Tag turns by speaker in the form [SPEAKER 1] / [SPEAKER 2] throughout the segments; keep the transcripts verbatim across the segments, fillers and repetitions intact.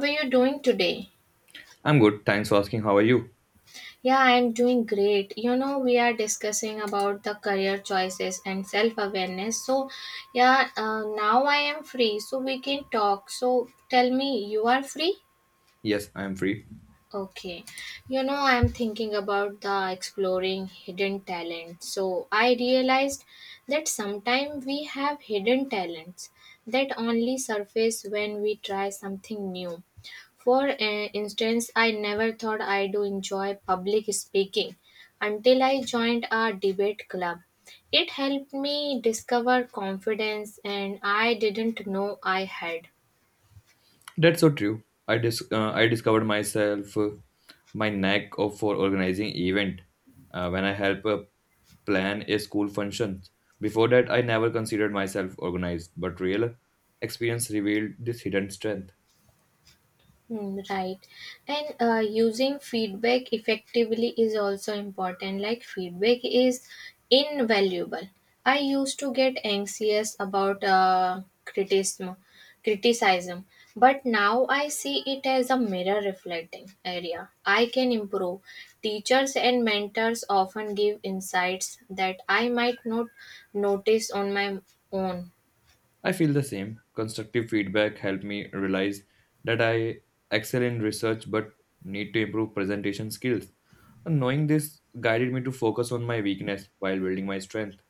[SPEAKER 1] How are you doing today?
[SPEAKER 2] I'm good. Thanks for asking. How are you?
[SPEAKER 1] Yeah, I'm doing great. You know, we are discussing about the career choices and self-awareness. So, yeah, uh, now I am free, so we can talk. So, tell me, you are free?
[SPEAKER 2] Yes, I am free.
[SPEAKER 1] Okay. You know, I'm thinking about the exploring hidden talent. So I realized that sometimes we have hidden talents that only surface when we try something new. For uh, instance, I never thought I do enjoy public speaking until I joined a debate club. It helped me discover confidence and I didn't know I had.
[SPEAKER 2] That's so true. I dis- uh, I discovered myself, uh, my knack of for organizing event uh, when I help, uh, plan a school function. Before that, I never considered myself organized, but real experience revealed this hidden strength.
[SPEAKER 1] Hmm, right. And uh, using feedback effectively is also important. Like, feedback is invaluable. I used to get anxious about uh, criticism, criticism, but now I see it as a mirror reflecting area. I can improve. Teachers and mentors often give insights that I might not notice on my own.
[SPEAKER 2] I feel the same. Constructive feedback helped me realize that I excel in research but need to improve presentation skills. And knowing this guided me to focus on my weakness while building my strength.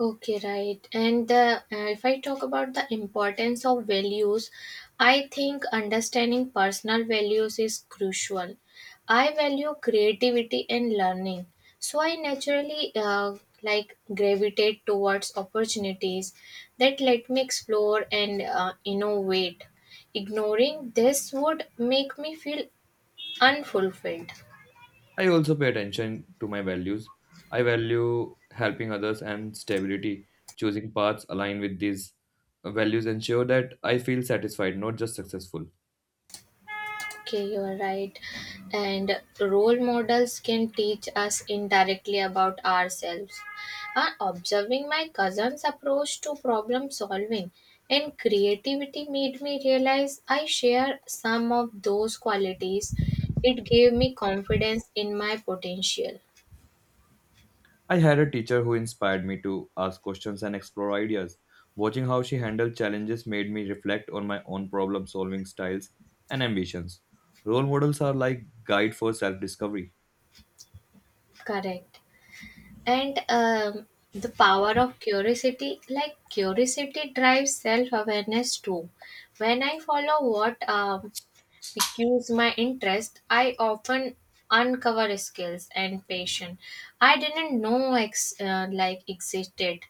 [SPEAKER 1] Okay, right. And uh, uh, if I talk about the importance of values, I think understanding personal values is crucial. I value creativity and learning, so I naturally uh, like gravitate towards opportunities that let me explore and uh, innovate. Ignoring this would make me feel unfulfilled.
[SPEAKER 2] I also pay attention to my values. I value helping others and stability. Choosing paths aligned with these values ensure that I feel satisfied, not just successful.
[SPEAKER 1] Okay, you are right. And role models can teach us indirectly about ourselves. Uh, observing my cousin's approach to problem solving and creativity made me realize I share some of those qualities. It gave me confidence in my potential.
[SPEAKER 2] I had a teacher who inspired me to ask questions and explore ideas. Watching how she handled challenges made me reflect on my own problem solving styles and ambitions. Role models are like guide for self discovery.
[SPEAKER 1] Correct. And um, the power of curiosity, like curiosity drives self awareness too. When I follow what um, piques my interest, I often uncover skills and passion I didn't know ex- uh, like existed.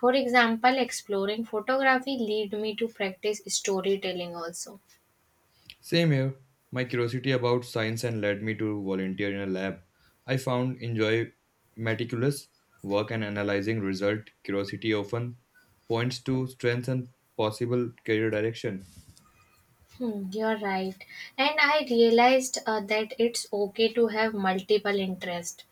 [SPEAKER 1] For example, exploring photography led me to practice storytelling also.
[SPEAKER 2] Same here. My curiosity about science and led me to volunteer in a lab. I found enjoy meticulous work and analyzing result. Curiosity often points to strengths and possible career direction.
[SPEAKER 1] Hmm, you're right. And I realized uh, that it's okay to have multiple interests.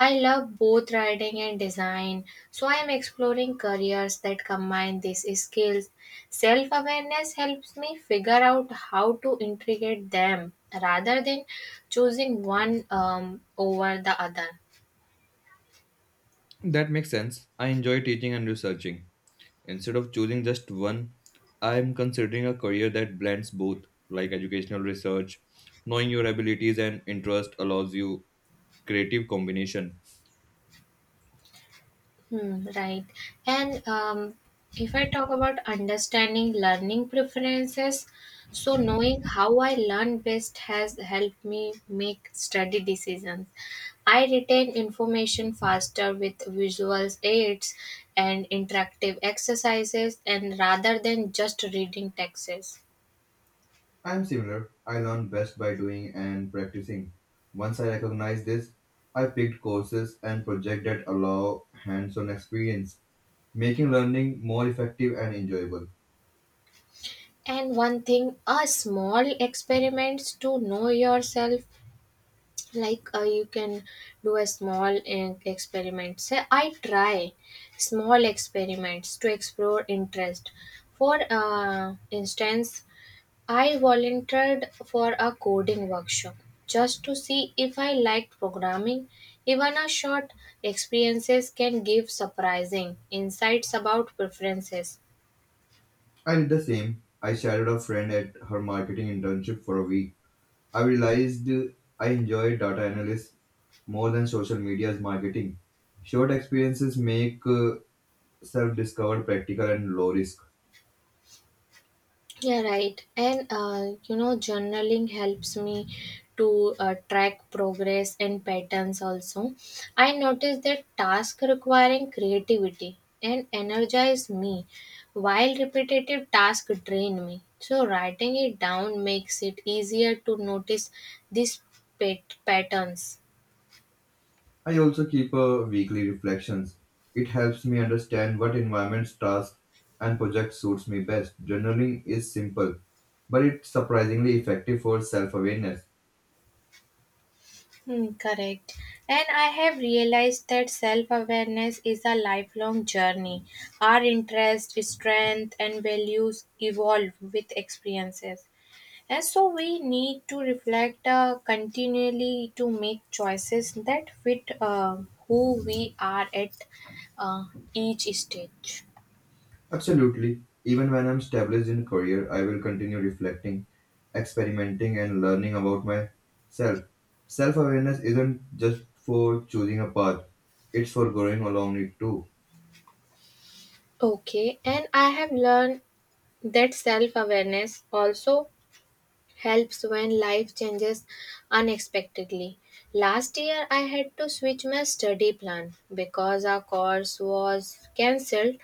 [SPEAKER 1] I love both writing and design, so I am exploring careers that combine these skills. Self awareness helps me figure out how to integrate them rather than choosing one um, over the other.
[SPEAKER 2] That makes sense. I enjoy teaching and researching. Instead of choosing just one, I am considering a career that blends both, like educational research. Knowing your abilities and interest allows you creative combination.
[SPEAKER 1] Hmm, right. And um, if I talk about understanding learning preferences, so knowing how I learn best has helped me make study decisions. I retain information faster with visual aids and interactive exercises, and rather than just reading texts.
[SPEAKER 2] I'm similar. I learn best by doing and practicing. Once I recognized this, I picked courses and projects that allow hands-on experience, making learning more effective and enjoyable.
[SPEAKER 1] And one thing, a small experiments to know yourself like uh, you can do a small uh, experiment say I try small experiments to explore interest for uh, instance I volunteered for a coding workshop just to see if I liked programming even a short experiences can give surprising insights about preferences.
[SPEAKER 2] I did the same. I shadowed a friend at her marketing internship for a week. I realized I enjoy data analysis more than social media's marketing. Short experiences make uh, self-discovered practical and low risk.
[SPEAKER 1] Yeah, right. And uh, you know, journaling helps me to uh, track progress and patterns also. I notice that tasks requiring creativity and energize me, while repetitive tasks drain me. So, writing it down makes it easier to notice these pat- patterns.
[SPEAKER 2] I also keep a weekly reflections. It helps me understand what environments, tasks, and projects suits me best. Journaling is simple, but it's surprisingly effective for self-awareness.
[SPEAKER 1] Hmm, correct. And I have realized that self awareness is a lifelong journey. Our interests, strength, and values evolve with experiences. And so we need to reflect uh, continually to make choices that fit uh, who we are at uh, each stage.
[SPEAKER 2] Absolutely. Even when I'm established in career, I will continue reflecting, experimenting, and learning about myself. Self-awareness isn't just for choosing a path; it's for growing along it too.
[SPEAKER 1] Okay, and I have learned that self awareness also helps when life changes unexpectedly. Last year, I had to switch my study plan because our course was cancelled.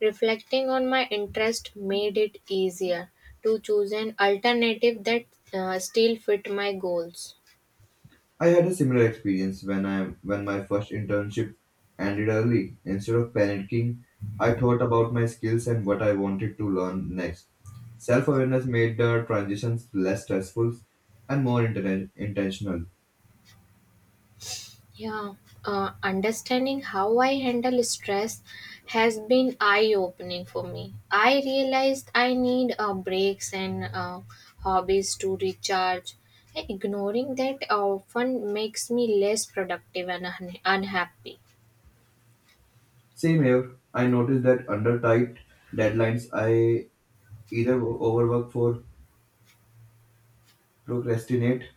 [SPEAKER 1] Reflecting on my interest made it easier to choose an alternative that uh, still fit my goals.
[SPEAKER 2] I had a similar experience when I when my first internship ended early. Instead of panicking, I thought about my skills and what I wanted to learn next. Self-awareness made the transitions less stressful and more inten- intentional.
[SPEAKER 1] Yeah, uh, understanding how I handle stress has been eye opening for me. I realized I need uh, breaks and uh, hobbies to recharge. Ignoring that often makes me less productive and unha- unhappy.
[SPEAKER 2] Same here, I noticed that under tight deadlines, I either overwork or procrastinate.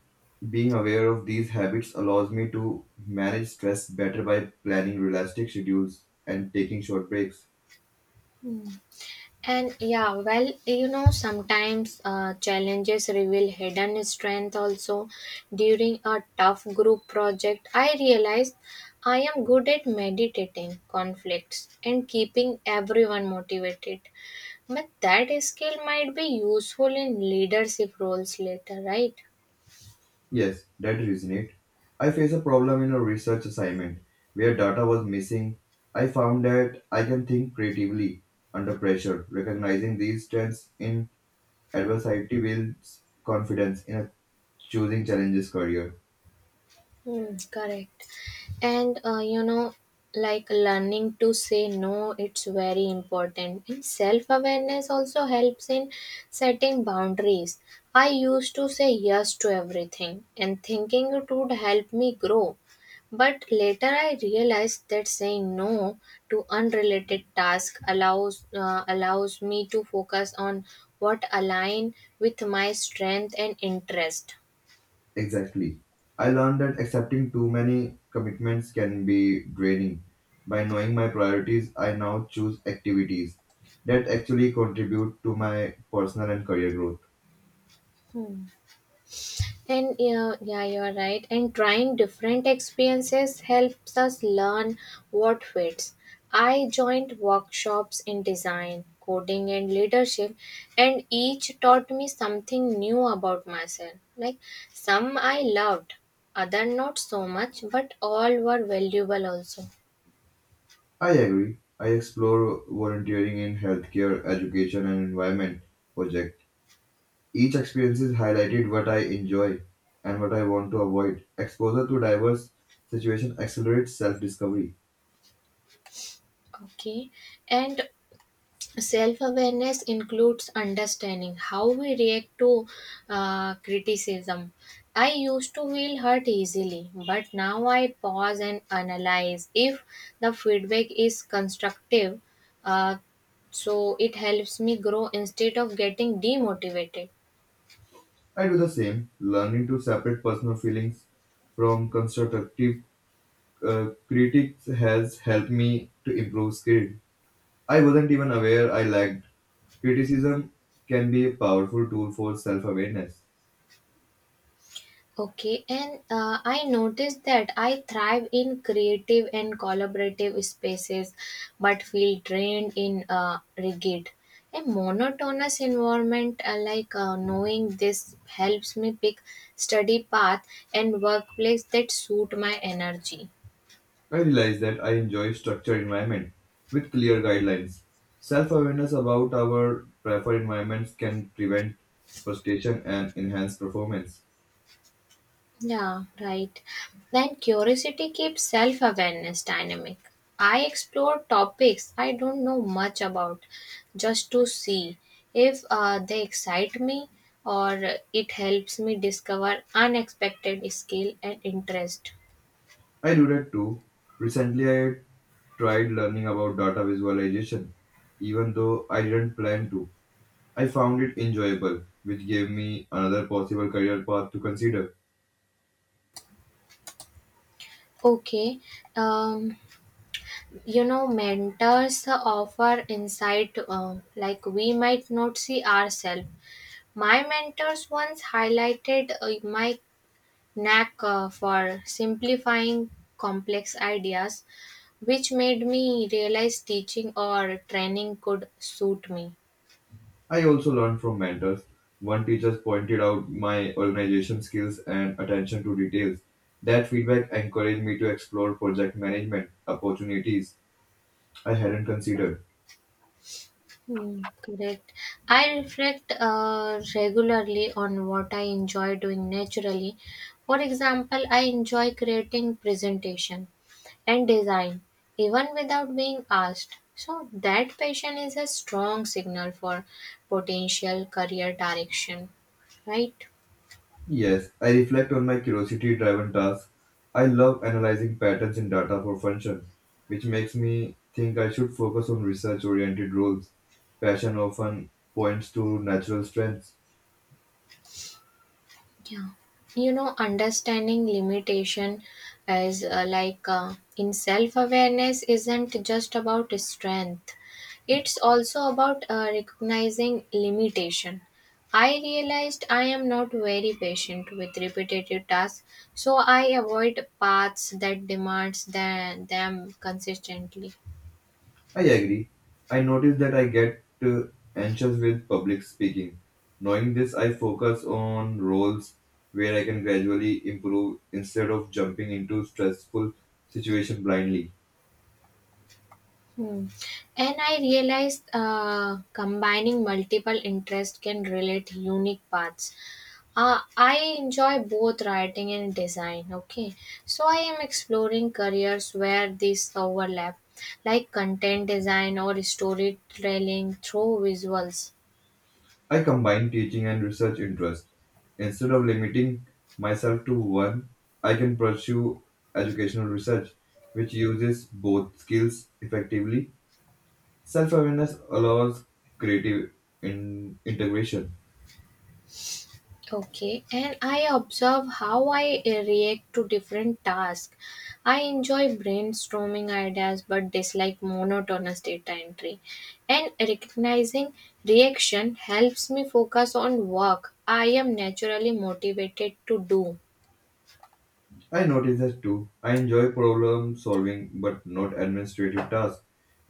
[SPEAKER 2] Being aware of these habits allows me to manage stress better by planning realistic schedules and taking short breaks.
[SPEAKER 1] And yeah, well, you know, sometimes uh, challenges reveal hidden strength also. During a tough group project, I realized I am good at meditating conflicts and keeping everyone motivated. But that skill might be useful in leadership roles later, right?
[SPEAKER 2] Yes, that resonates. I faced a problem in a research assignment where data was missing. I found that I can think creatively under pressure. Recognizing these strengths in adversity builds confidence in a choosing challenges career.
[SPEAKER 1] Hmm, correct. And uh, you know, like learning to say no, it's very important. And self awareness also helps in setting boundaries. I used to say yes to everything and thinking it would help me grow. But later I realized that saying no to unrelated tasks allows uh, allows me to focus on what align with my strength and interest.
[SPEAKER 2] Exactly. I learned that accepting too many commitments can be draining. By knowing my priorities, I now choose activities that actually contribute to my personal and career growth.
[SPEAKER 1] And yeah, yeah, you're right. And trying different experiences helps us learn what fits. I joined workshops in design, coding, and leadership, and each taught me something new about myself. Like some I loved, other not so much, but all were valuable also.
[SPEAKER 2] I agree. I explore volunteering in healthcare, education, and environment project. Each experience is highlighted what I enjoy and what I want to avoid. Exposure to diverse situations accelerates self-discovery.
[SPEAKER 1] Okay, and self awareness includes understanding how we react to uh, criticism. I used to feel hurt easily, but now I pause and analyze if the feedback is constructive, uh, so it helps me grow instead of getting demotivated.
[SPEAKER 2] I do the same, learning to separate personal feelings from constructive, uh, critics has helped me to improve skills. I wasn't even aware I lacked. Criticism can be a powerful tool for self-awareness.
[SPEAKER 1] Okay, and uh, I noticed that I thrive in creative and collaborative spaces, but feel drained in uh, rigid. A monotonous environment, uh, like uh, knowing this, helps me pick study path and workplace that suit my energy.
[SPEAKER 2] I realize that I enjoy structured environment with clear guidelines. Self-awareness about our preferred environments can prevent frustration and enhance performance.
[SPEAKER 1] Yeah, right. Then curiosity keeps self awareness dynamic. I explore topics I don't know much about just to see if uh, they excite me or it helps me discover unexpected skill and interest.
[SPEAKER 2] I do that too. Recently, I tried learning about data visualization, even though I didn't plan to. I found it enjoyable, which gave me another possible career path to consider.
[SPEAKER 1] Okay, um, you know, mentors offer insight um, like we might not see ourselves. My mentors once highlighted uh, my knack uh, for simplifying complex ideas, which made me realize teaching or training could suit me.
[SPEAKER 2] I also learned from mentors. One teacher pointed out my organization skills and attention to details. That feedback encouraged me to explore project management opportunities I hadn't considered.
[SPEAKER 1] Hmm, correct. I reflect uh, regularly on what I enjoy doing naturally. For example, I enjoy creating presentation and design even without being asked. So that passion is a strong signal for potential career direction, right?
[SPEAKER 2] Yes, I reflect on my curiosity driven tasks. I love analyzing patterns in data for function, which makes me think I should focus on research oriented roles. Passion often points to natural strengths.
[SPEAKER 1] Yeah. You know, understanding limitation as uh, like uh, in self awareness isn't just about strength, it's also about uh, recognizing limitation. I realized I am not very patient with repetitive tasks, so I avoid paths that demands tha- them consistently.
[SPEAKER 2] I agree. I notice that I get uh, anxious with public speaking. Knowing this, I focus on roles where I can gradually improve instead of jumping into stressful situation blindly.
[SPEAKER 1] Hmm. And I realized uh, combining multiple interests can relate unique paths. Uh, I enjoy both writing and design. Okay, so I am exploring careers where these overlap, like content design or storytelling through visuals.
[SPEAKER 2] I combine teaching and research interests. Instead of limiting myself to one, I can pursue educational research, which uses both skills effectively. Self-awareness allows creative in- integration.
[SPEAKER 1] Okay, and I observe how I react to different tasks. I enjoy brainstorming ideas but dislike monotonous data entry. And recognizing reaction helps me focus on work I am naturally motivated to do.
[SPEAKER 2] I notice that too. I enjoy problem solving but not administrative tasks.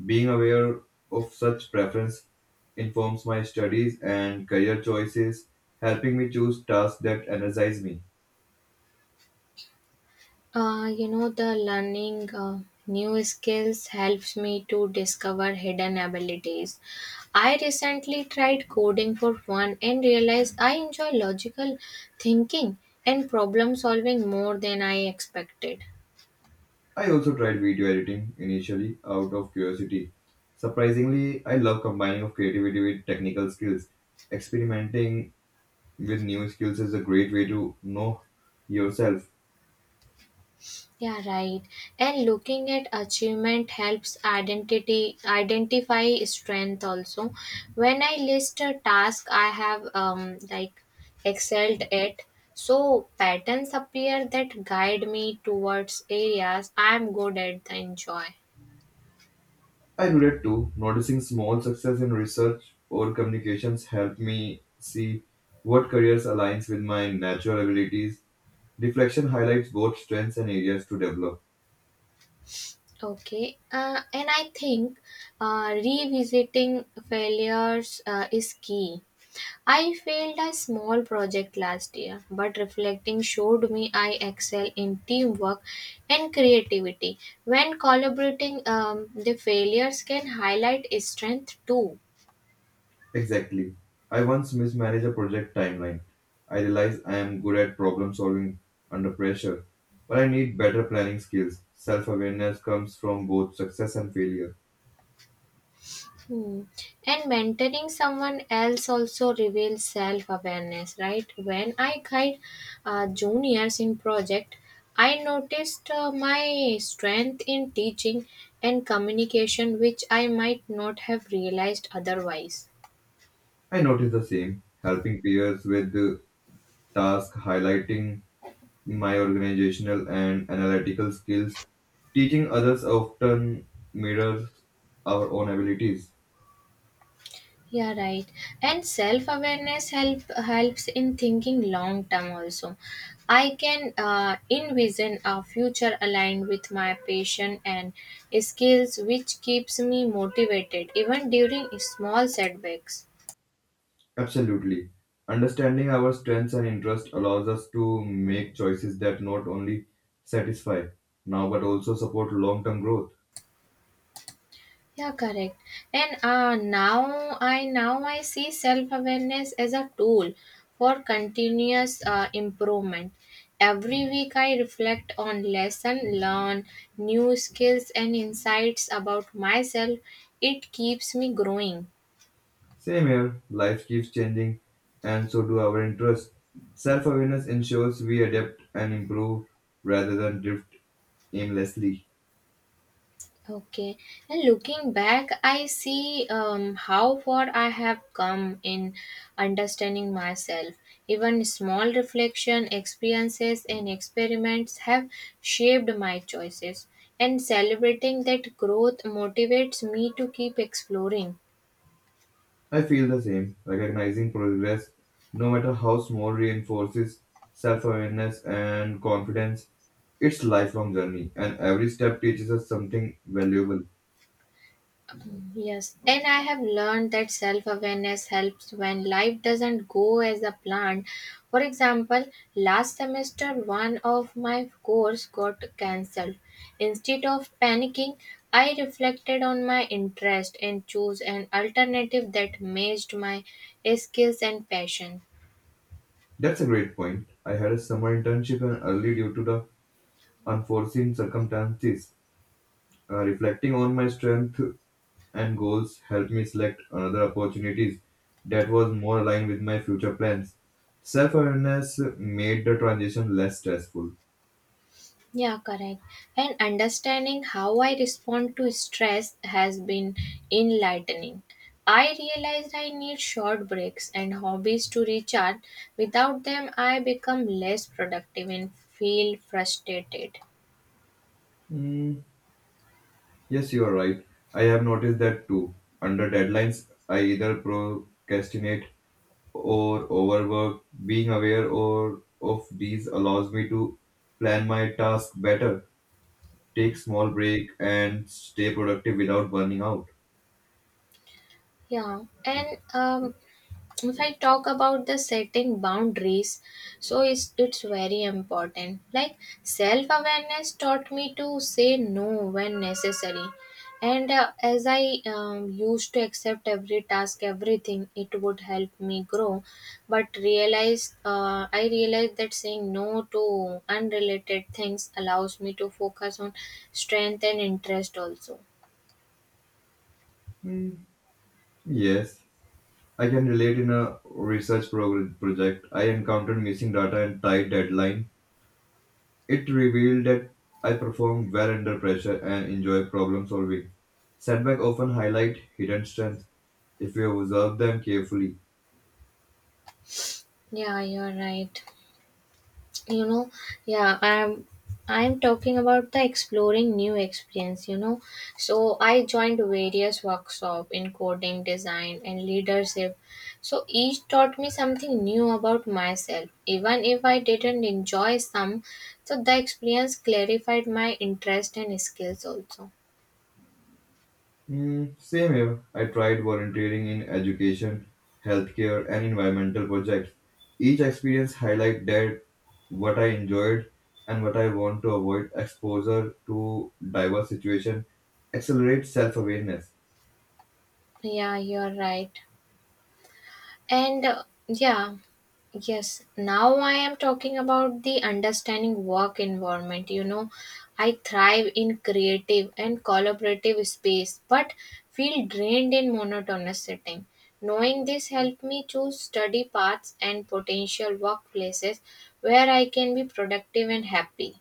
[SPEAKER 2] Being aware of such preference informs my studies and career choices, helping me choose tasks that energize me.
[SPEAKER 1] Uh, you know, the learning uh, new skills helps me to discover hidden abilities. I recently tried coding for fun and realized I enjoy logical thinking and problem solving more than I expected.
[SPEAKER 2] I also tried video editing initially out of curiosity. Surprisingly, I love combining of creativity with technical skills. Experimenting with new skills is a great way to know yourself.
[SPEAKER 1] Yeah, right. And looking at achievement helps identity identify strength also. When I list a task I have um like excelled at, so patterns appear that guide me towards areas I am good at and enjoy.
[SPEAKER 2] I do that too. Noticing small success in research or communications helped me see what careers aligns with my natural abilities. Deflection highlights both strengths and areas to develop.
[SPEAKER 1] Okay, uh, and I think uh, revisiting failures uh, is key. I failed a small project last year, but reflecting showed me I excel in teamwork and creativity. When collaborating, um, the failures can highlight strength too.
[SPEAKER 2] Exactly. I once mismanaged a project timeline. I realized I am good at problem solving under pressure, but I need better planning skills. Self awareness comes from both success and failure.
[SPEAKER 1] Hmm. And mentoring someone else also reveals self awareness, right? When I guide uh, juniors in project, I noticed uh, my strength in teaching and communication, which I might not have realized otherwise.
[SPEAKER 2] I noticed the same, helping peers with the task highlighting my organizational and analytical skills. Teaching others often mirrors our own abilities.
[SPEAKER 1] Yeah, right. And self awareness help helps in thinking long term also. I can uh, envision a future aligned with my passion and skills which keeps me motivated even during small setbacks.
[SPEAKER 2] Absolutely. Understanding our strengths and interests allows us to make choices that not only satisfy now but also support long term growth.
[SPEAKER 1] Yeah, correct. And uh, now I now I see self awareness as a tool for continuous uh, improvement. Every week I reflect on lesson learn new skills and insights about myself. It keeps me growing.
[SPEAKER 2] Same here, life keeps changing and so do our interests. Self awareness ensures we adapt and improve rather than drift aimlessly.
[SPEAKER 1] Okay, and looking back, I see um, how far I have come in understanding myself. Even small reflection, experiences, and experiments have shaped my choices, and celebrating that growth motivates me to keep exploring.
[SPEAKER 2] I feel the same. Recognizing progress, no matter how small, reinforces self awareness and confidence. It's lifelong journey, and every step teaches us something valuable.
[SPEAKER 1] Yes, and I have learned that self awareness helps when life doesn't go as a plan. For example, last semester one of my course got cancelled. Instead of panicking, I reflected on my interest and chose an alternative that matched my skills and passions.
[SPEAKER 2] That's a great point. I had a summer internship and early due to the unforeseen circumstances. Uh, reflecting on my strength and goals helped me select another opportunities that was more aligned with my future plans. Self awareness made the transition less stressful.
[SPEAKER 1] Yeah, correct. And understanding how I respond to stress has been enlightening. I realized I need short breaks and hobbies to recharge. Without them, I become less productive and feel frustrated.
[SPEAKER 2] Hmm. Yes, you are right. I have noticed that too. Under deadlines, I either procrastinate or overwork. Being aware or of these allows me to plan my task better, take small break, and stay productive without burning out.
[SPEAKER 1] Yeah, and um, if I talk about the setting boundaries so it's, it's very important like self awareness taught me to say no when necessary and uh, as i um, used to accept every task everything it would help me grow but realize, uh, i realized that saying no to unrelated things allows me to focus on strength and interest also.
[SPEAKER 2] Hmm, yes, I can relate in a research prog- project. I encountered missing data and tight deadline. It revealed that I perform well under pressure and enjoy problem solving. Setbacks often highlight hidden strengths if we observe them carefully.
[SPEAKER 1] Yeah, you're right. You know, yeah i'm i'm talking about the exploring new experience you know so I joined various workshop in coding design and leadership so each taught me something new about myself even if I didn't enjoy some so the experience clarified my interest and skills also.
[SPEAKER 2] Hmm, same here. I tried volunteering in education, healthcare, and environmental projects. Each experience highlight that what I enjoyed and what I want to avoid. Exposure to diverse situation accelerates self-awareness.
[SPEAKER 1] Yeah, you're right. And uh, yeah, yes, Now I am talking about the understanding work environment. You know, I thrive in creative and collaborative space, but feel drained in monotonous setting. Knowing this helped me choose study paths and potential workplaces where I can be productive and happy.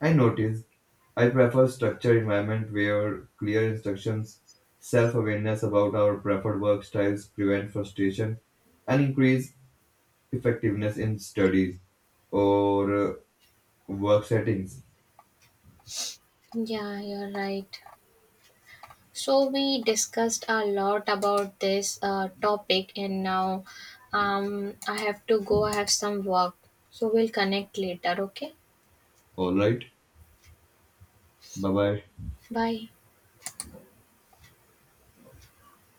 [SPEAKER 2] I noticed I prefer structured environment where clear instructions, self-awareness about our preferred work styles prevent frustration and increase effectiveness in studies or uh, work settings.
[SPEAKER 1] Yeah, you're right. So we discussed a lot about this uh, topic, and now um, I have to go. I have some work, so we'll connect later. Okay,
[SPEAKER 2] All right. Bye bye.
[SPEAKER 1] bye.